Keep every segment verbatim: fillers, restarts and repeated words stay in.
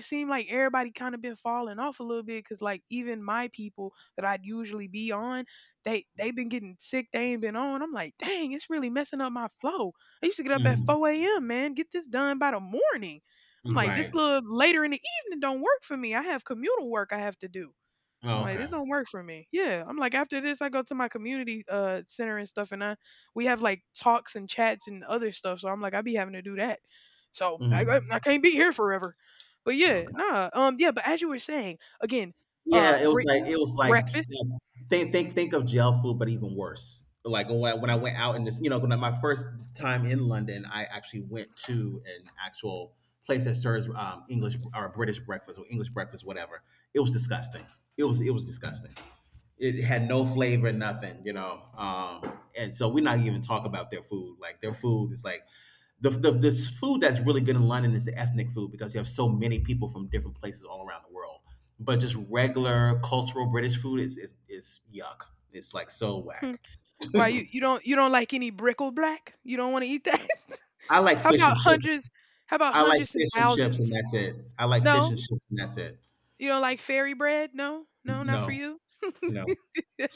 It seemed like everybody kind of been falling off a little bit because like even my people that I'd usually be on, they they been getting sick. They ain't been on. I'm like, dang, it's really messing up my flow. I used to get up at Mhm. four a m. Man, get this done by the morning. I'm like, Right. this little later in the evening don't work for me. I have communal work I have to do. I'm Oh, like, okay. this don't work for me. Yeah. I'm like, after this, I go to my community uh center and stuff, and I we have like talks and chats and other stuff. So I'm like, I be having to do that. So I I I Mhm. can't be here forever. But yeah, Okay. nah. Um, yeah. But as you were saying, again, uh, Yeah, it was like Britain it was like breakfast. you know, think think think of jail food, but even worse. Like when I, when I went out in this, you know, when I, my first time in London, I actually went to an actual place that serves um, English or British breakfast or English breakfast, whatever. It was disgusting. It was it was disgusting. It had no flavor, nothing, you know. Um, and so we're not even talking about their food. Like their food is like the, the the food that's really good in London is the ethnic food because you have so many people from different places all around the world. But just regular cultural British food is is, is yuck. It's like so Mhm. whack. Why you you don't you don't like any brickle black? You don't want to eat that? I like How fish about and chips. hundreds? How about I like hundreds and fish and chips, and thousands? that's it. I like fish No, and chips, and that's it. you don't like fairy bread? No, no, not for No, you. no,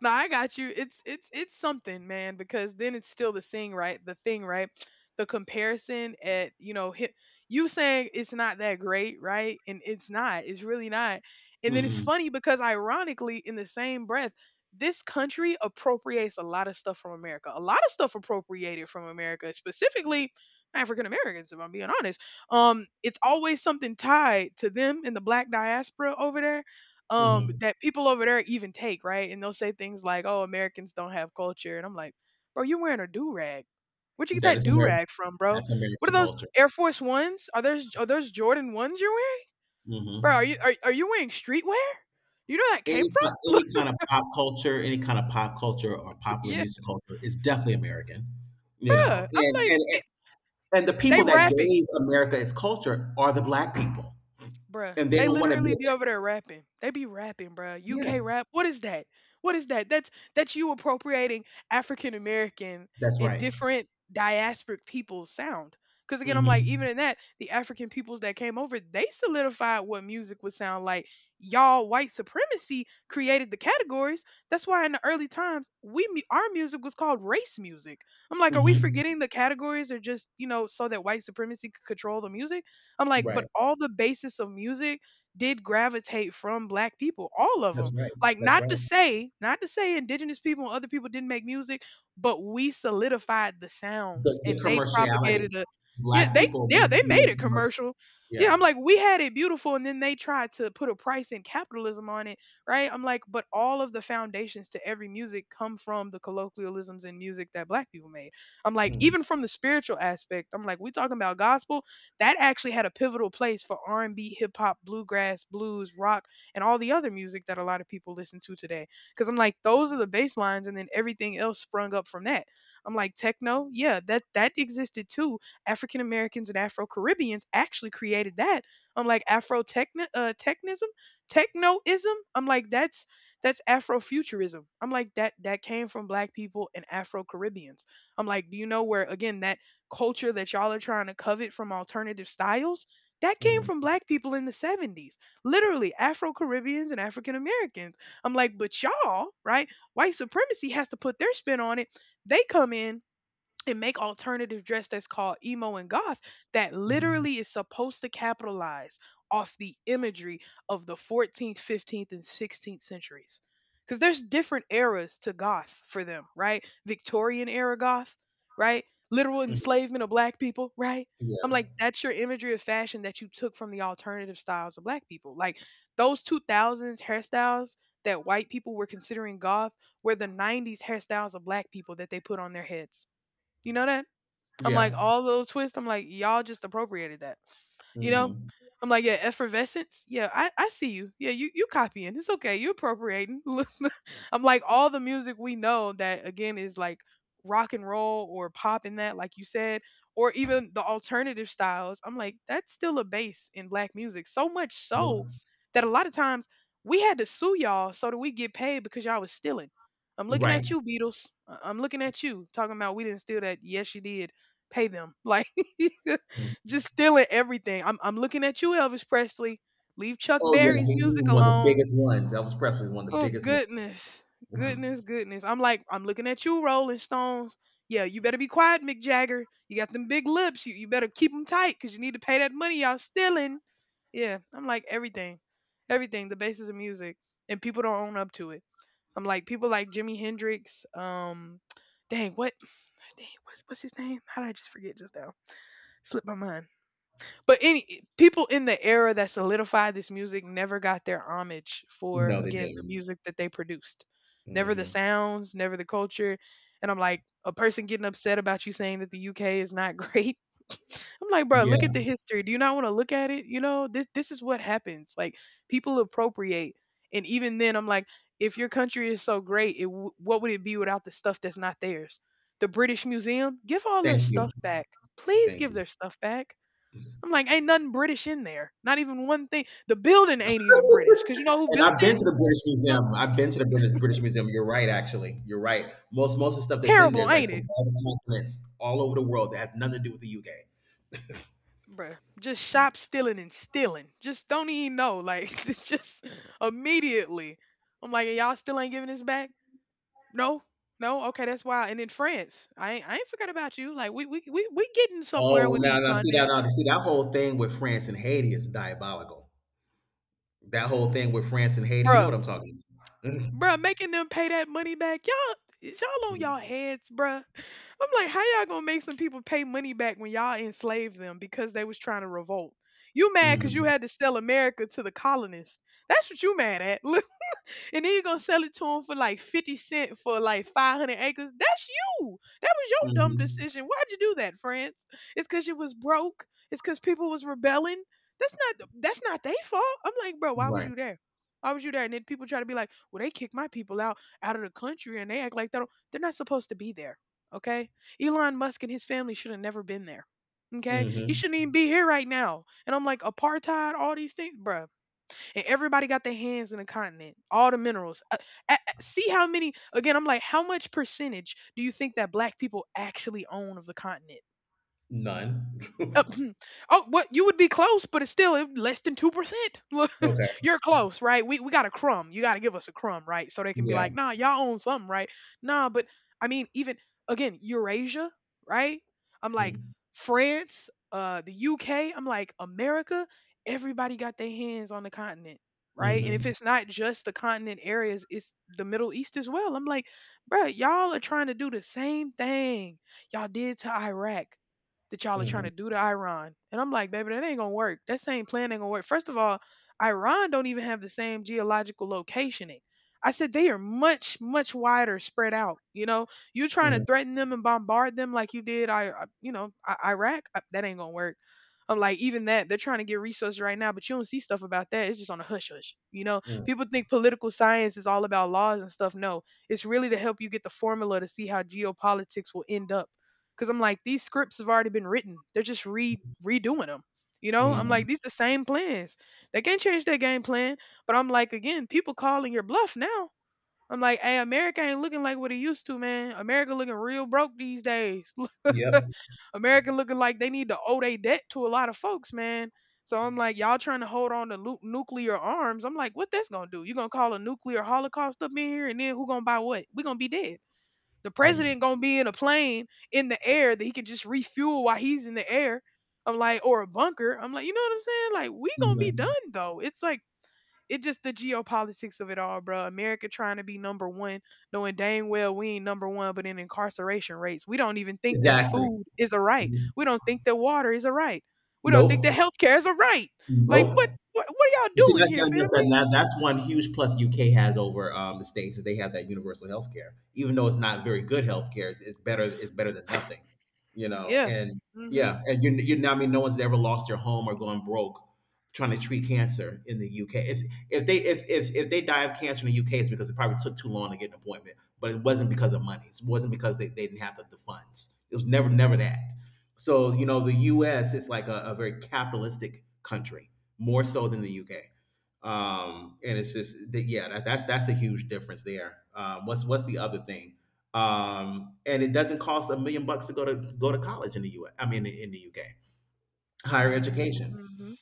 No, I got you. It's it's it's something, man, because then it's still the thing, right? The thing, right? The comparison at you know hi- you saying it's not that great, right? And it's not. It's really not. And then it's mm-mm, funny because ironically, in the same breath, this country appropriates a lot of stuff from America. A lot of stuff appropriated from America, specifically African Americans, if I'm being honest. Um, it's always something tied to them in the black diaspora over there um mm-mm. that people over there even take, right? And they'll say things like, "Oh, Americans don't have culture," and I'm like, "Bro, you're wearing a do rag. Where'd you get That that is do American. rag from, bro? That's What are American those culture. Air Force Ones? Are those are those Jordan ones you're wearing, bro? Are Hmm. you are, are you wearing streetwear? You know where that came Any from?" kind, any Look, kind of pop culture, any kind of pop culture or popular yeah, music culture is definitely American, you bro. know, I'm and like, and and it, and the they people that rapping. gave America its culture are the black people, Bruh, and they they don't want to literally admit be that. over there rapping. They be rapping, bruh. Yeah, U K rap. What is that? What is that? That's that's you appropriating African American that's and right. different diasporic people's sound. Because again, I'm like, Hmm. even in that, the African peoples that came over, they solidified what music would sound like. Y'all, white supremacy created the categories. That's why in the early times, we mu- our music was called race music. I'm like, are we Hmm. forgetting the categories are just you know so that white supremacy could control the music? I'm like, but Right. all the basis of music did gravitate from black people, all of them. That's right. Like, That's not right. to say, not to say indigenous people and other people didn't make music, but we solidified the The, sounds the and they commerciality, propagated a, yeah, black they, people yeah, they make, made make it commercial. commercial. Yeah, Yeah. I'm like, we had it beautiful, and then they tried to put a price and capitalism on it, right? I'm like, but all of the foundations to every music come from the colloquialisms in music that black people made. I'm like, Hmm. even from the spiritual aspect, I'm like, we talking about gospel that actually had a pivotal place for R and B, hip hop, bluegrass, blues, rock, and all the other music that a lot of people listen to today. Because I'm like, those are the bass lines, and then everything else sprung up from that. I'm like, techno, yeah, that that existed too. African Americans and Afro Caribbeans actually created that. I'm like, Afro techno, uh, technism, technoism. I'm like, that's that's Afrofuturism. I'm like, that that came from Black people and Afro Caribbeans. I'm like, do you know where again that culture that y'all are trying to covet from alternative styles, that came from Hmm. black people in the seventies, literally Afro Caribbeans and African Americans. I'm like, but y'all, right? White supremacy has to put their spin on it. They come in and make alternative dress that's called emo and goth that Hmm. literally is supposed to capitalize off the imagery of the fourteenth, fifteenth, and sixteenth centuries. Because there's different eras to goth for them, right? Victorian era goth, right? Literal Hmm. enslavement of black people, right? I'm Yeah. like, that's your imagery of fashion that you took from the alternative styles of black people. Like those two thousands hairstyles that white people were considering goth were the nineties hairstyles of black people that they put on their heads. You know that? I'm like, Yeah. all those twists, I'm like, y'all just appropriated that. You know? Hmm. I'm like, yeah, effervescence. Yeah, I, I see you. Yeah, you you copying. It's okay. You appropriating. Look, I'm like all the music we know that again is like rock and roll or pop in that, like you said, or even the alternative styles. I'm like, that's still a base in black music. So much so Yeah. that a lot of times we had to sue y'all so that we get paid because y'all was stealing. I'm looking Right. at you, Beatles. I- I'm looking at you, talking about we didn't steal that. Yes, you did. Pay them. Like Mm-hmm. just stealing everything. I'm I'm looking at you, Elvis Presley. Leave Chuck Oh Berry's yeah, he was music one of the alone. biggest ones. Elvis Presley was one of the Oh biggest goodness. ones. Goodness, goodness. I'm like, I'm looking at you, Rolling Stones. Yeah, you better be quiet, Mick Jagger. You got them big lips. You, you better keep them tight because you need to pay that money y'all stealing. Yeah, I'm like everything, everything, the basis of music, and people don't own up to it. I'm like people like Jimi Hendrix. Um, dang, what, dang, what's what's his name? How did I just forget just now? Slipped my mind. But any people in the era that solidified this music never got their homage for No, they again the didn't. music that they produced. Never the Hmm. sounds, never the culture. And I'm like, a person getting upset about you saying that the U K is not great. I'm like, bro, look at Yeah, the history. Do you not want to look at it? You know, this this is what happens. Like people appropriate. And even then I'm like, if your country is so great, it w- what would it be without the stuff that's not theirs? The British Museum, give all their thank you, stuff back. Please thank give you. their stuff back. I'm like, ain't nothing British in there. Not even one thing. The building ain't even British. Cause you know who And built I've it? been to the British Uh, Museum. I've been to the British British Museum. You're right, actually. You're right. Most most of the stuff that's in there Terrible, is like ain't from it, all the continents, all over the world that has nothing to do with the U K. bruh? Just shop stealing and stealing. Just don't even know. Like, it's just immediately. I'm like, y'all still ain't giving this back? No, no. Okay, that's wild. And in France, I ain't, I ain't forgot about you. Like, we we we we getting somewhere Oh, with these now now see content, that now see that whole thing with France and Haiti is diabolical. That whole thing with France and Haiti, you know bruh. what I'm talking about. Bruh, making them pay that money back, y'all is y'all on Hmm. y'all heads, bruh. I'm like, how y'all gonna make some people pay money back when y'all enslaved them because they was trying to revolt? You mad because you Mm. had to sell America to the colonists? That's what you mad at. And then you're gonna sell it to them for like fifty cent for like five hundred acres. That's you. That was your dumb Hmm. decision. Why'd you do that, friends? It's because you was broke. It's because people was rebelling. That's not that's not their fault. I'm like, bro, why was Right. you there? Why was you there? And then people try to be like, well, they kick my people out out of the country and they act like they don't, they're not supposed to be there. Okay. Elon Musk and his family should have never been there. Okay. He Hmm. shouldn't even be here right now. And I'm like, apartheid, all these things, bruh and everybody got their hands in the continent, all the minerals. Uh, a- a- see how many, again, I'm like, how much percentage do you think that black people actually own of the continent? None. Uh, oh, What you would be close, but it's still less than two percent. Okay. You're close, right? We we got a crumb. You got to give us a crumb, right? So they can be Yeah. like, nah, y'all own something, right? Nah, but I mean, even again, Eurasia, right? I'm like Mm. France, uh, the U K. I'm like America. Everybody got their hands on the continent, right? And if Mhm. it's not just the continent areas, it's the Middle East as well. I'm like, bruh, y'all are trying to do the same thing y'all did to Iraq that y'all are trying to Mhm. do to Iran. And I'm like, baby, that ain't gonna work. That same plan ain't gonna work. First of all, Iran don't even have the same geological locationing. I said they are much, much wider spread out. You know, you're trying to Mhm. threaten them and bombard them like you did, I, I- you know, I- Iraq. I- That ain't gonna work. I'm like, even that, they're trying to get resources right now, but you don't see stuff about that. It's just on a hush hush. You know, Mhm. people think political science is all about laws and stuff. No, it's really to help you get the formula to see how geopolitics will end up. Because I'm like, these scripts have already been written. They're just re redoing them. You know, I'm like, Mhm. these the same plans. They can't change their game plan. But I'm like, again, people calling your bluff now. I'm like, hey, America ain't looking like what it used to, man. America looking real broke these days. Yep. America looking like they need to owe their debt to a lot of folks, man. So I'm like, y'all trying to hold on to nu- nuclear arms. I'm like, what that's gonna do? You gonna call a nuclear holocaust up in here, and then who gonna buy what? We gonna be dead. The Mm. president gonna be in a plane in the air that he can just refuel while he's in the air. I'm like, or a bunker. I'm like, you know what I'm saying? Like, we gonna be Mhm. done though. It's like it's just the geopolitics of it all, bro. America trying to be number one, knowing dang well we ain't number one, but in incarceration rates, we don't even think that Exactly. food is a right. Mhm. We don't think that water is a right. We don't think that Nope. healthcare is a right. Like what? Nope. What, what are You y'all see, doing that's here, not just that, family? that- That's one huge plus U K has over um, the states is they have that universal health care. Even though it's not very good health care, it's, it's better. It's better than nothing, you know. Yeah. And Mhm. yeah, and you you know, I mean, no one's ever lost their home or gone broke trying to treat cancer in the U K. If if they if if, if they die of cancer in the U K, it's because it probably took too long to get an appointment. But it wasn't because of money. It wasn't because they, they didn't have the, the funds. It was never never that. So you know, the U S is like a, a very capitalistic country more so than the U K. Um, and it's just that yeah, that, that's that's a huge difference there. Um, what's what's the other thing? Um, and it doesn't cost a million bucks to go to go to college in the U S. Mean, in the U K, higher Mhm. education. Mhm.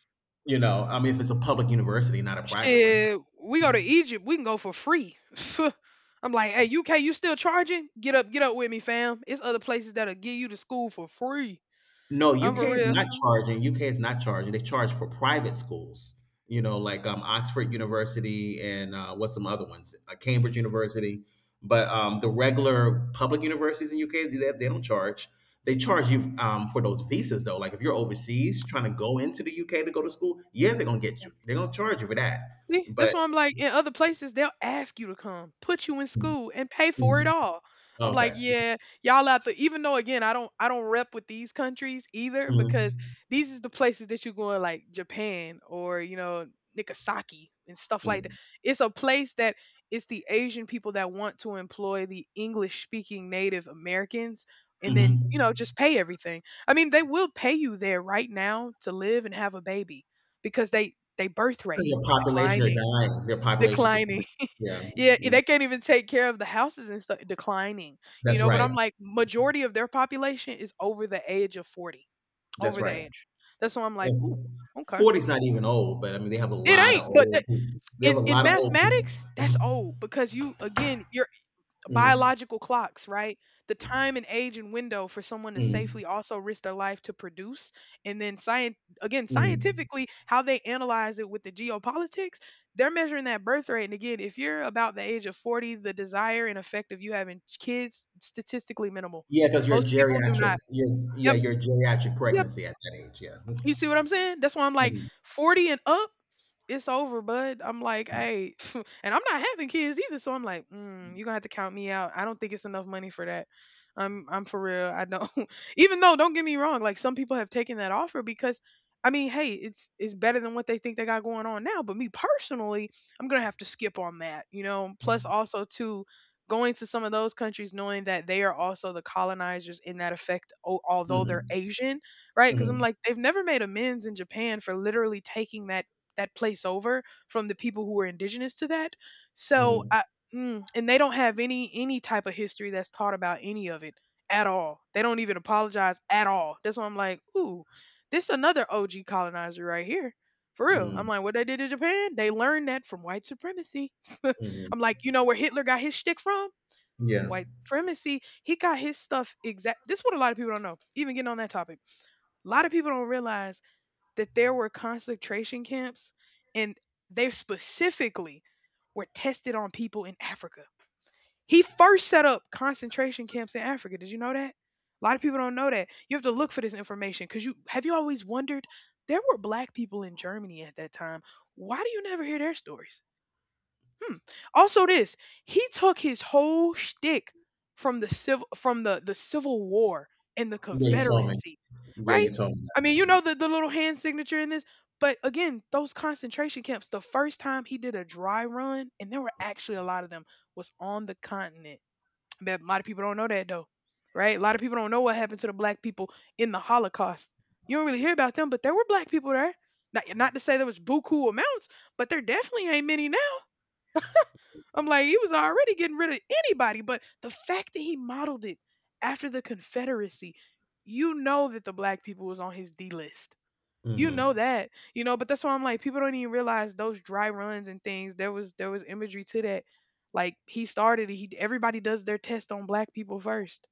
You know, I mean, if it's a public university, not a private one. Shit, we go to Egypt, we can go for free. I'm like, hey, U K, you still charging? Get up, get up with me, fam. It's other places that'll give you to school for free. No, I'm for U K is real. not charging. U K is not charging. They charge for private schools. You know, like um, Oxford University and uh, what's some other ones? Uh, Cambridge University. But um, the regular public universities in U K, they, they don't charge. They charge you um, for those visas though. Like if you're overseas trying to go into the U K to go to school, yeah, they're gonna get you. They're gonna charge you for that. See, that's But. why I'm like, in other places, they'll ask you to come, put you in school, and pay for it Mhm. all. I'm like, Okay. yeah, y'all out there. Even though, again, I don't, I don't rep with these countries either because Mhm. these is the places that you going, like Japan or you know Nagasaki and stuff like that. Mhm. It's a place that it's the Asian people that want to employ the English speaking Native Americans, and then you know Mhm. just pay everything. I mean, they will pay you there right now to live and have a baby because they they birth 'Cause rate your population are declining dying. Their population is declining. declining. Yeah. Yeah, Mhm. they can't even take care of the houses and stuff declining. You That's know, but right. I'm like, majority of their population is over the age of forty. That's Over the right. age That's why I'm like, ooh, okay. Forty's not even old, but I mean, they have a It lot ain't of but th- old people. They have in a in lot of old people. mathematics, that's old because you, again, you're Mm, biological clocks, right? The time and age and window for someone to mm, safely also risk their life to produce. And then science, again, mm. scientifically, how they analyze it with the geopolitics, they're measuring that birth rate. And again, if you're about the age of forty, the desire and effect of you having kids statistically minimal. Yeah, because you're Most people do geriatric. not. You're, yeah, Yep. you're geriatric pregnancy at that age. Yeah. You see what I'm saying? That's why I'm like, Mm-hmm, forty and up, it's over, bud. I'm like, hey, and I'm not having kids either, so I'm like, mm, you're gonna have to count me out. I don't think it's enough money for that. I'm I'm for real. I don't. Even though, don't get me wrong, like some people have taken that offer because, I mean, hey, it's it's better than what they think they got going on now. But me personally, I'm gonna have to skip on that, you know. Plus, also too. Going to some of those countries, knowing that they are also the colonizers in that effect, o- although they're mm-hmm, Asian. Right, because 'cause I'm mm-hmm, like, they've never made amends in Japan for literally taking that that place over from the people who were indigenous to that. So, mm-hmm, I mm, and they don't have any any type of history that's taught about any of it at all. They don't even apologize at all. That's why I'm like, "Ooh, this another O G colonizer right here." For real. I'm mm, like, "What they did in Japan? They learned that from white supremacy." hmm, hmm, hmm, I'm hmm, like, "You know where Hitler got his shtick from? hmm. Yeah. White supremacy. He got his stuff exact This is what a lot of people don't know, even getting on that topic, a lot of people don't realize that there were concentration camps and they specifically were tested on people in Africa. He first set up concentration camps in Africa. Did you know that? A lot of people don't know that. You have to look for this information because you have you always wondered there were black people in Germany at that time. Why do you never hear their stories? Hmm. Also, this he took his whole shtick from the civil from the the Civil War and the Yeah, you told me. Confederacy, Yeah, right? you told me I mean, you know the the little hand signature in this, but again, those concentration camps. The first time he did a dry run, and there were actually a lot of them, was on the continent. But a lot of people don't know that though, right? A lot of people don't know what happened to the black people in the Holocaust. You don't really hear about them, but there were black people there. Not, not to say there was buku amounts, but there definitely ain't many now. I'm like, he was already getting rid of anybody, but the fact that he modeled it after the Confederacy, you know that the black people was on his D list. You that. know that, you know, but that's why I'm like, people don't even realize those dry runs and things. There was there was imagery to that. Like he started, it, he everybody does their test on black people first.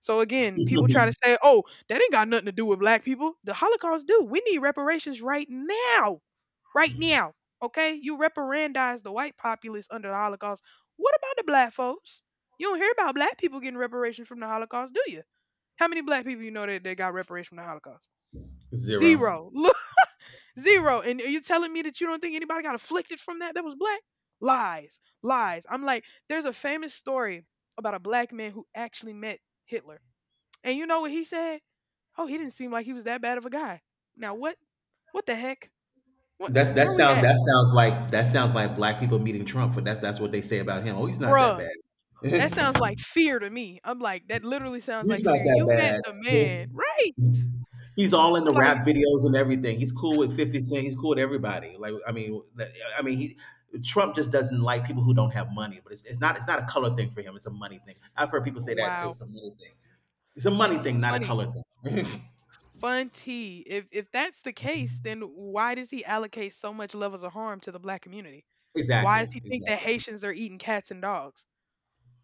So again, people try to Hmm. say, "Oh, that ain't got nothing to do with black people." The Holocaust do. We need reparations right now, right now. Okay, you reparandize the white populace under the Holocaust. What about the black folks? You don't hear about black people getting reparations from the Holocaust, do you? How many black people you know that, that got reparations from the Holocaust? Zero. Zero. Zero. And are you telling me that you don't think anybody got afflicted from that that was black? Lies. Lies. I'm like, there's a famous story about a black man who actually met Hitler. And you know what he said? Oh, he didn't seem like he was that bad of a guy. Now what what the heck? What That's wh- that Where we sounds at? that sounds like that sounds like black people meeting Trump. For that's that's what they say about him. Oh, he's not that Bruh. That bad. sounds like fear to me. I'm like, that literally sounds He's like not fear. that You met bad. the man, But right? he's all in the I'm like, rap videos and everything. He's cool with Fifty Cent. He's cool with everybody. Like I mean, that- I mean he. Trump just doesn't like people who don't have money, but it's, it's not it's not a color thing for him. It's a money thing. I've heard people say that too. wow, It's a money thing. It's a money thing, not a funny. color thing. Fun tea. If if that's the case, then why does he allocate so much levels of harm to the black community? Why Exactly. does he think that Exactly. Haitians are eating cats and dogs?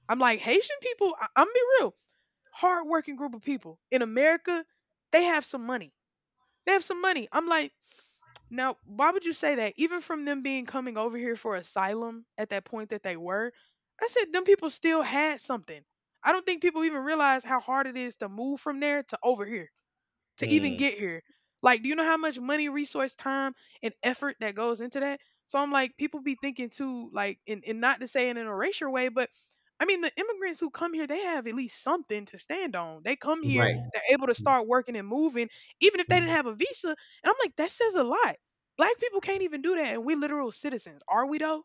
I'm like, Haitian people, I- I'm gonna be real, hardworking group of people in America, they have some money. They have some money. I'm like, now, why would you say that? Even from them being coming over here for asylum at that point that they were, I said, them people still had something. I don't think people even realize how hard it is to move from there to over here to even Mm, get here. Like, do you know how much money, resource, time, and effort that goes into that? So I'm like, people be thinking too, like, and, and not to say in an erasure way, but I mean, the immigrants who come here, they have at least something to stand on. They come here, right. they're able to start working and moving, even if they Mm, didn't have a visa. And I'm like, that says a lot. Black people can't even do that, and we literal citizens. Are we though?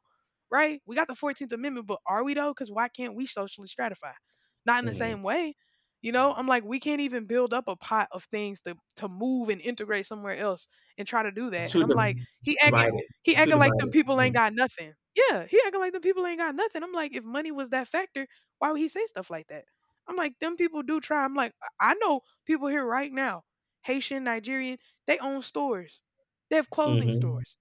Right? We got the fourteenth Amendment, but are we though? Because why can't we socially stratify? Not in the mm. same way, you know, I'm like, we can't even build up a pot of things to to move and integrate somewhere else and try to do that. And Too, I'm like, di- too he acting divided. he Too acting like them divided. people ain't Mm. got nothing. Yeah, he acting like them people ain't got nothing. I'm like, if money was that factor, why would he say stuff like that? I'm like, them people do try. I'm like, I I know people here right now, Haitian, Nigerian, they own stores. They have clothing Mm-hmm. stores.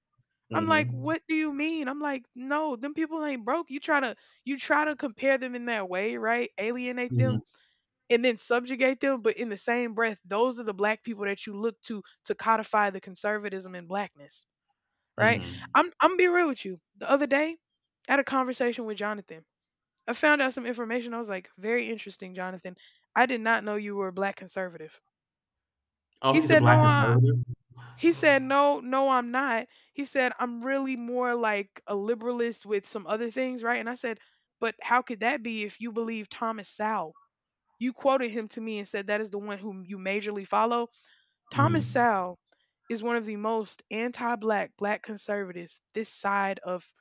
I'm like, Mm-hmm. what do you mean? I'm like, no, them people ain't broke. You try to you try to compare them in that way, right? Alienate Mm-hmm. them and then subjugate them. But in the same breath, those are the black people that you look to to codify the conservatism in blackness, right? Mm-hmm. I'm I'm be real with you. The other day, I had a conversation with Jonathan. I found out some information. I was like, very interesting, Jonathan. I did not know you were a black conservative. He Oh, he's a said, black no, I. conservative. He said, no, no, I'm not. He said, I'm really more like a liberalist with some other things, right? And I said, but how could that be if you believe Thomas Sowell? You quoted him to me and said that is the one whom you majorly follow. Thomas Mm. Sowell is one of the most anti-black black conservatives this side of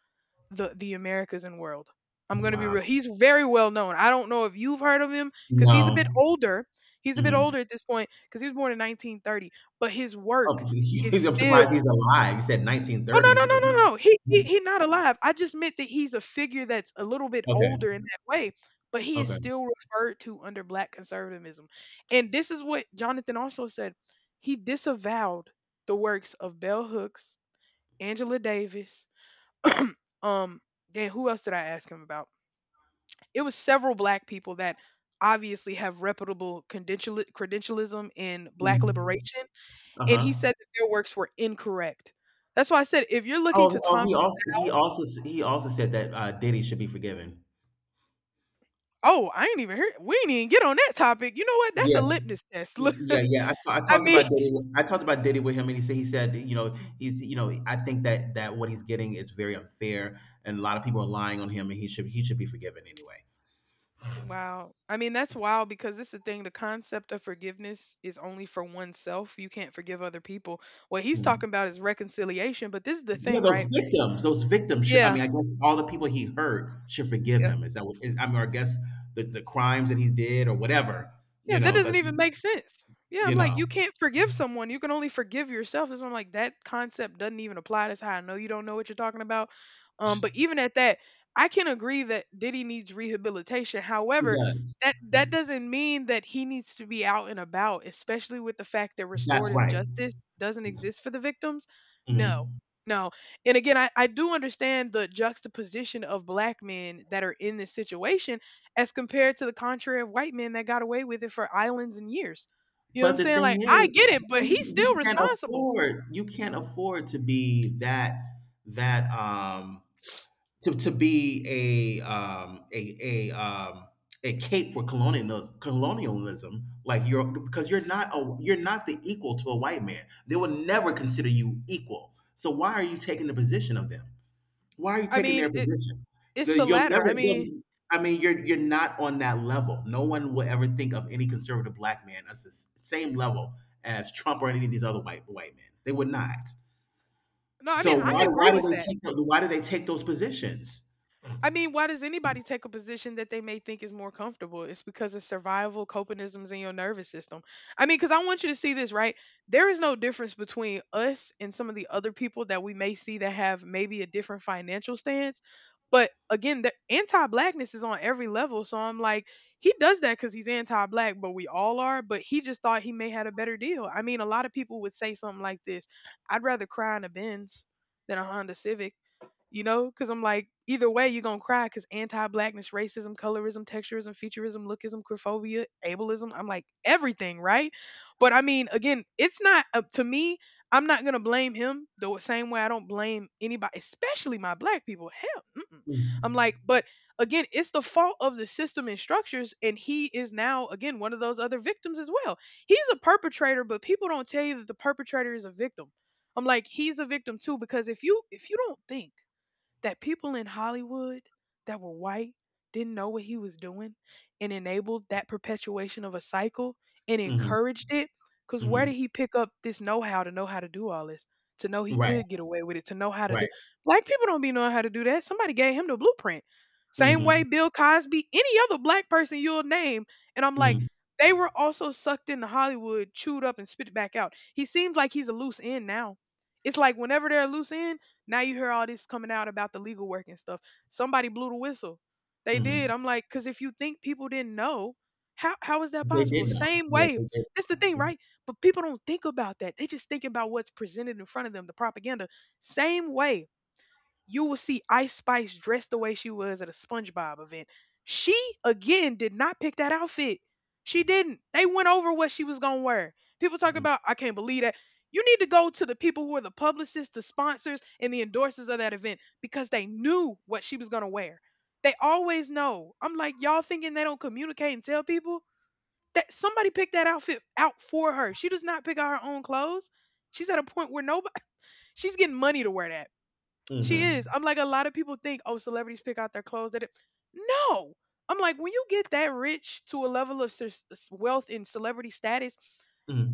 the the Americas and world. I'm going to be Wow. real. He's very well known. I don't know if you've heard of him cuz he's a bit No. older. He's a bit Mhm. older at this point cuz he was born in nineteen thirty, but his Oh, work is I'm surprised still. he's alive. You said Oh, no, no, nineteen thirties. no, no, no. He he he not alive. I just meant that he's a figure that's a little bit Okay, older in that way, but he is okay. still referred to under black conservatism. And this is what Jonathan also said. He disavowed the works of bell hooks, Angela Davis, um, and who else did I ask him about? It was several black people that obviously have reputable credential credentialism in black uh liberation, and he Uh-huh. said that their works were incorrect. That's why I said if you're looking to Oh, oh, Tom. he also he also he also said that uh, Diddy should be forgiven. Oh, I ain't even heard we ain't even get on that topic. You know what? That's a Yeah, litmus test. y- Look, yeah, yeah. I, ta- I I talked mean, about Diddy, with- I talked about Diddy with him, and he said he said you know he's, you know I think that that what he's getting is very unfair, and a lot of people are lying on him, and he should he should be forgiven anyway. wow. I mean, that's wild because it's the thing. The concept of forgiveness is only for oneself. You can't forgive other people. What he's Hmm. talking about is reconciliation, but this is the Yeah, thing, right? those victims, those victims. Should, I Yeah. mean, I guess all the people he hurt should forgive him. Is that what? Is, I mean, or I guess the the crimes that he did or whatever. Yeah, You that know, doesn't because even make sense. Yeah, I'm you like, you know can't forgive someone. You can only forgive yourself. That's why I'm like, that concept doesn't even apply. That's how I know you don't know what you're talking about. Um, but even at that, I can agree that Diddy needs rehabilitation. he However, does. that that doesn't mean that he needs to be out and about, especially with the fact that That's restorative right. justice doesn't exist for the victims. No. Mhm. No. And again, I, I do understand the juxtaposition of black men that are in this situation as compared to the contrary of white men that got away with it for islands and years. You know what I'm But the saying? Like, thing I is, get it, but you, he's you still can't responsible. afford you can't afford to be that that um to, to be a um, a a um, a cape for colonialism, colonialism, like you're because you're not a you're not the equal to a white man. They will never consider you equal. So why are you taking the position of them? Why are you I taking mean, their it, position? it's That the You'll latter. never. I mean, You'll- I mean, you're you're not on that level. No one will ever think of any conservative black man as the s- same level as Trump or any of these other white white men. They would not. no, I mean, So I why do agree why do with they that. take the, why do they take those positions? I mean, why does anybody take a position that they may think is more comfortable? It's because of survival copanisms in your nervous system. I mean, because I want you to see this, right? There is no difference between us and some of the other people that we may see that have maybe a different financial stance. But again, the anti blackness is on every level. So I'm like, he does that because he's anti black, but we all are. But he just thought he may had a better deal. I mean, a lot of people would say something like this: I'd rather cry in a Benz than a Honda Civic, you know, because I'm like, either way, you're gonna cry because anti-blackness, racism, colorism, texturism, futurism, lookism, queerphobia, ableism. I'm like everything, right? But I mean, again, it's not up to me. I'm not gonna blame him the same way I don't blame anybody, especially my black people. Hell, mm-mm. I'm Hmm. like, but again, it's the fault of the system and structures, and he is now again one of those other victims as well. He's a perpetrator, but people don't tell you that the perpetrator is a victim. I'm like, he's a victim too because if you if you don't think that people in Hollywood that were white didn't know what he was doing and enabled that perpetuation of a cycle and Mhm, encouraged it. Because where mhm. did he pick up this know how to know how to do all this? To know he Right, could get away with it, to know how to do. right. Black people don't be knowing how to do that. Somebody gave him the blueprint. Same way Mhm, Bill Cosby, any other black person you'll name. And I'm like, mhm, they were also sucked into Hollywood, chewed up, and spit back out. He seems like he's a loose end now. It's like whenever they're a loose end, now you hear all this coming out about the legal work and stuff. Somebody blew the whistle. They mhm. did. I'm like, because if you think people didn't know, how how is that They possible? did know. Same Yeah, way. they did. That's the thing, right? But people don't think about that. They just think about what's presented in front of them, the propaganda. Same way you will see Ice Spice dressed the way she was at a SpongeBob event. She again did not pick that outfit. She didn't. They went over what she was gonna wear. People talk Mhm, about, I can't believe that. You need to go to the people who are the publicists, the sponsors, and the endorsers of that event because they knew what she was gonna wear. They always know. I'm like y'all thinking they don't communicate and tell people that somebody picked that outfit out for her. She does not pick out her own clothes. She's at a point where nobody. She's getting money to wear that. She is. mhm, I'm like a lot of people think, oh, celebrities pick out their clothes. That it. No, I'm like when you get that rich to a level of sus- s- wealth and celebrity status,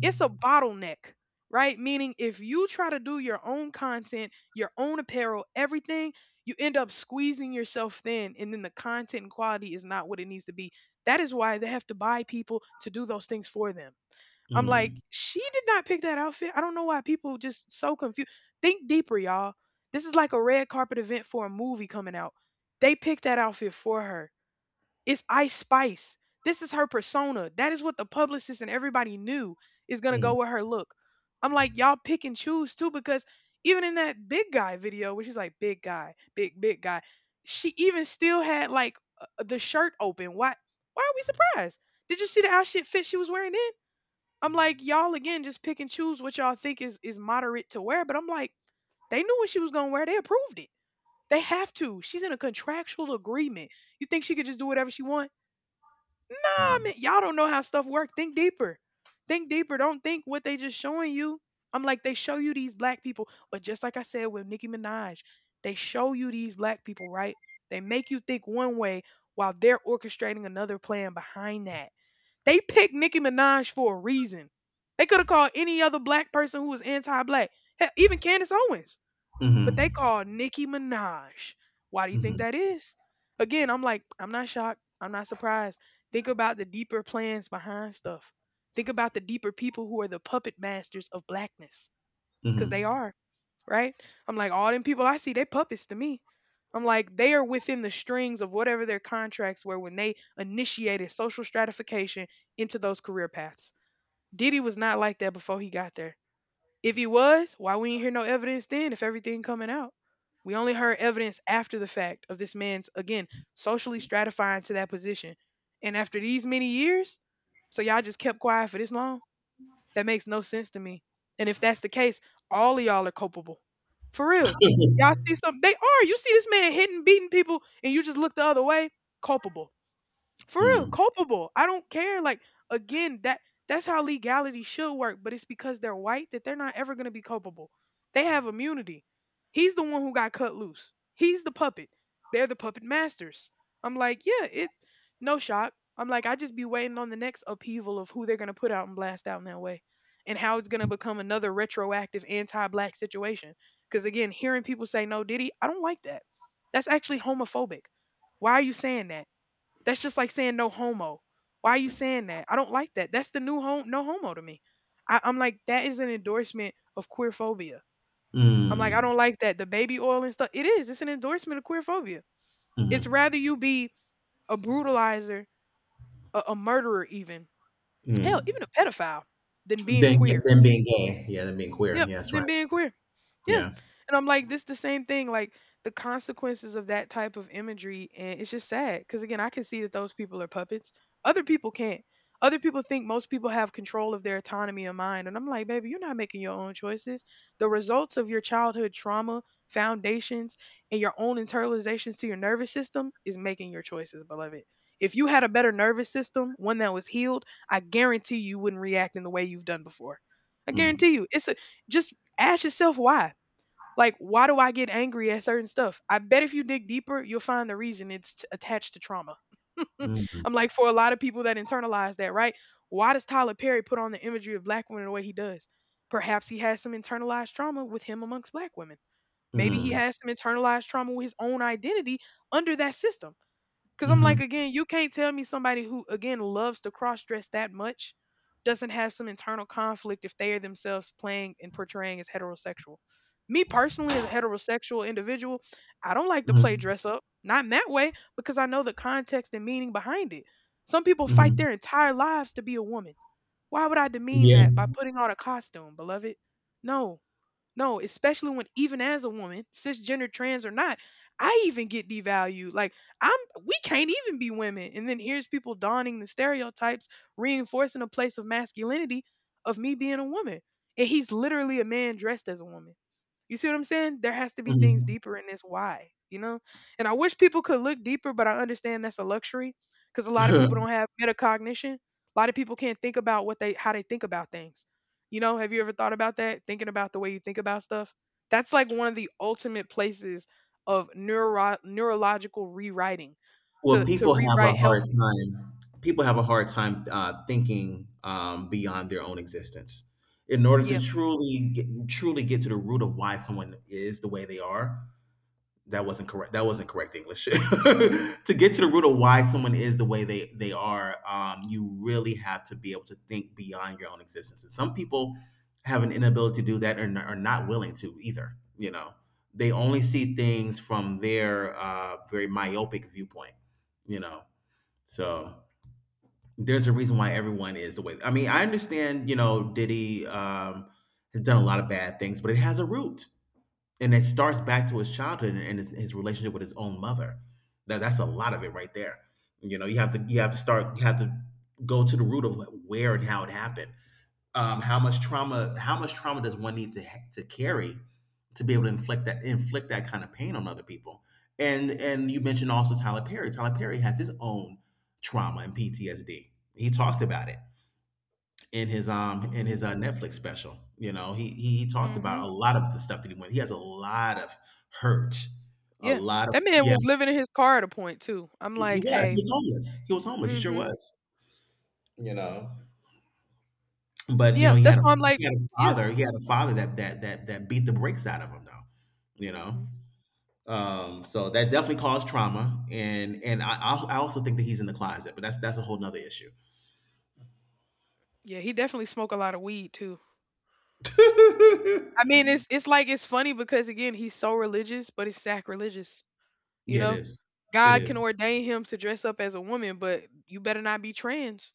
it's a bottleneck, right? Meaning if you try to do your own content, your own apparel, everything, you end up squeezing yourself thin, and then the content and quality is not what it needs to be. That is why they have to buy people to do those things for them. I'm like, mhm, she did not pick that outfit. I don't know why people just so confused. Think deeper, y'all. This is like a red carpet event for a movie coming out. They picked that outfit for her. It's Ice Spice. This is her persona. That is what the publicist and everybody knew is gonna go mhm, with her look. I'm like, y'all pick and choose too, because even in that big guy video, which is like big guy, big, big guy, she even still had like uh, the shirt open. Why why are we surprised? Did you see the outfit fit she was wearing then? I'm like, y'all again just pick and choose what y'all think is is moderate to wear. But I'm like, they knew what she was gonna wear. They approved it. They have to. She's in a contractual agreement. You think she could just do whatever she want? Nah, man. Y'all don't know how stuff work. Think deeper. Think deeper. Don't think what they just showing you. I'm like, they show you these black people. But just like I said with Nicki Minaj, they show you these black people, right? They make you think one way while they're orchestrating another plan behind that. They picked Nicki Minaj for a reason. They could have called any other black person who was anti-black, hell, even Candace Owens, but they mhm, called Nicki Minaj. Why do you think mhm, that is? Again, I'm like, I'm not shocked. I'm not surprised. Think about the deeper plans behind stuff. Think about the deeper people who are the puppet masters of blackness, because they mhm. are, right? I'm like, all them people I see, they puppets to me. I'm like, they are within the strings of whatever their contracts were when they initiated social stratification into those career paths. Diddy was not like that before he got there. If he was, why we ain't hear no evidence then if everything coming out? We only heard evidence after the fact of this man's, again, socially stratifying to that position. And after these many years, so y'all just kept quiet for this long? That makes no sense to me. And if that's the case, all of y'all are culpable. For real. Y'all see something they are. You see this man hitting, beating people, and you just look the other way. Culpable. For real, Mm, culpable. I don't care. Like again, that that's how legality should work, but it's because they're white that they're not ever going to be culpable. They have immunity. He's the one who got cut loose. He's the puppet. They're the puppet masters. I'm like, yeah, it no shock. I'm like, I just be waiting on the next upheaval of who they're going to put out and blast out in that way and how it's going to become another retroactive anti-black situation. Cuz again, hearing people say no Diddy, I don't like that. That's actually homophobic. Why are you saying that? That's just like saying no homo. Why are you saying that? I don't like that. That's the new home no homo to me. I, I'm like, that is an endorsement of queer phobia. I'm like, I mm, don't like that. The baby oil and stuff. It is. It's an endorsement of queer phobia. It's mhm, rather you be a brutalizer, a, a murderer even. Hell, mm. even a pedophile than being Then, yeah, queer. then being gay, yeah, then being queer, Yep, yes, right, than being queer. Yeah. yeah, And I'm like, this the same thing, like the consequences of that type of imagery, and it's just sad. Because again, I can see that those people are puppets. Other people can't. Other people think most people have control of their autonomy of mind. And I'm like, baby, you're not making your own choices. The results of your childhood trauma, foundations, and your own internalizations to your nervous system is making your choices, beloved. If you had a better nervous system, one that was healed, I guarantee you wouldn't react in the way you've done before. I mm, guarantee you, it's a Just ask yourself why. Like, why do I get angry at certain stuff? I bet if you dig deeper, you'll find the reason it's t- attached to trauma. mm, I'm like, for a lot of people that internalize that, right? Why does Tyler Perry put on the imagery of black women the way he does? Perhaps he has some internalized trauma with him amongst black women. Maybe he mm, has some internalized trauma with his own identity under that system. Cause I'm like, mhm, again, you can't tell me somebody who again loves to cross dress that much doesn't have some internal conflict if they are themselves playing and portraying as heterosexual. Me personally, as a heterosexual individual, I don't like to play mhm, dress up. Not in that way, because I know the context and meaning behind it. Some people fight mhm, their entire lives to be a woman. Why would I demean that yeah, by putting on a costume, beloved? No, no, especially when even as a woman, cisgender, trans or not, I even get devalued. Like I'm we can't even be women. And then here's people donning the stereotypes, reinforcing a place of masculinity of me being a woman. And he's literally a man dressed as a woman. You see what I'm saying? There has to be things mhm. deeper in this why, you know? And I wish people could look deeper, but I understand that's a luxury because a lot of people don't have metacognition. A lot of people can't think about what they how they think about things. You know, have you ever thought about that? Thinking about the way you think about stuff? That's like one of the ultimate places of neuro neurological rewriting Well, to to people have a rewrite hard healthy. time. People have a hard time uh, thinking um, beyond their own existence. In order Yeah. to truly get, truly get to the root of why someone is the way they are, that wasn't correct. That wasn't correct English. To get to the root of why someone is the way they they are, um, you really have to be able to think beyond your own existence. And some people have an inability to do that, and are not willing to either. You know, they only see things from their uh, very myopic viewpoint. You know, so there's a reason why everyone is the way. I mean, I understand. You know, Diddy, um, has done a lot of bad things, but it has a root and it starts back to his childhood and his, his relationship with his own mother. That that's a lot of it right there. You know, you have to you have to start you have to go to the root of where and how it happened. Um, how much trauma how much trauma does one need to ha- to carry to be able to inflict that inflict that kind of pain on other people? And and you mentioned also Tyler Perry. Tyler Perry has his own trauma and P T S D. He talked about it in his um in Mhm, his uh, Netflix special. You know, he, he he talked about mhm. a lot of the stuff that he went. He has a lot of hurt, a Yeah, lot of that man yeah. was living in his car at a point too. I'm He, he like, was "Hey." he was homeless. He was homeless. He sure Mhm. was. You know, but you know Yeah, he that's had a why I'm like, he had a yeah. father. He had a father that that that that beat the brakes out of him though. You know, Mhm. um, so that definitely caused trauma, and and I I I also think that he's in the closet, but that's that's a whole nother issue. Yeah, he definitely smoked a lot of weed too. I mean, it's it's like it's funny because, again, he's so religious, but it's sacrilegious. You yeah, it know, is. It God can is. ordain him to dress up as a woman, but you better not be trans.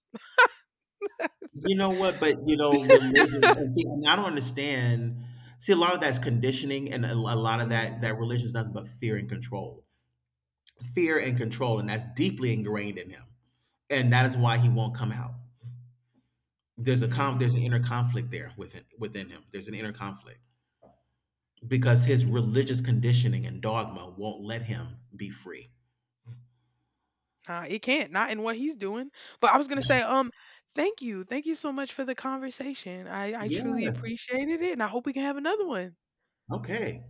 You know what? But you know, religion and see, and I don't understand. See, a lot of that's conditioning, and a, a lot of that Hmm. that religion is nothing but fear and control, fear and control, and that's deeply ingrained in him, and that is why he won't come out. There's a conf, Hmm. there's an inner conflict there within within him. There's an inner conflict because his religious conditioning and dogma won't let him be free. Nah, it can't. Not in what he's doing. But I was gonna say, um, thank you, thank you so much for the conversation. I I truly Yes. appreciated it, and I hope we can have another one. Okay.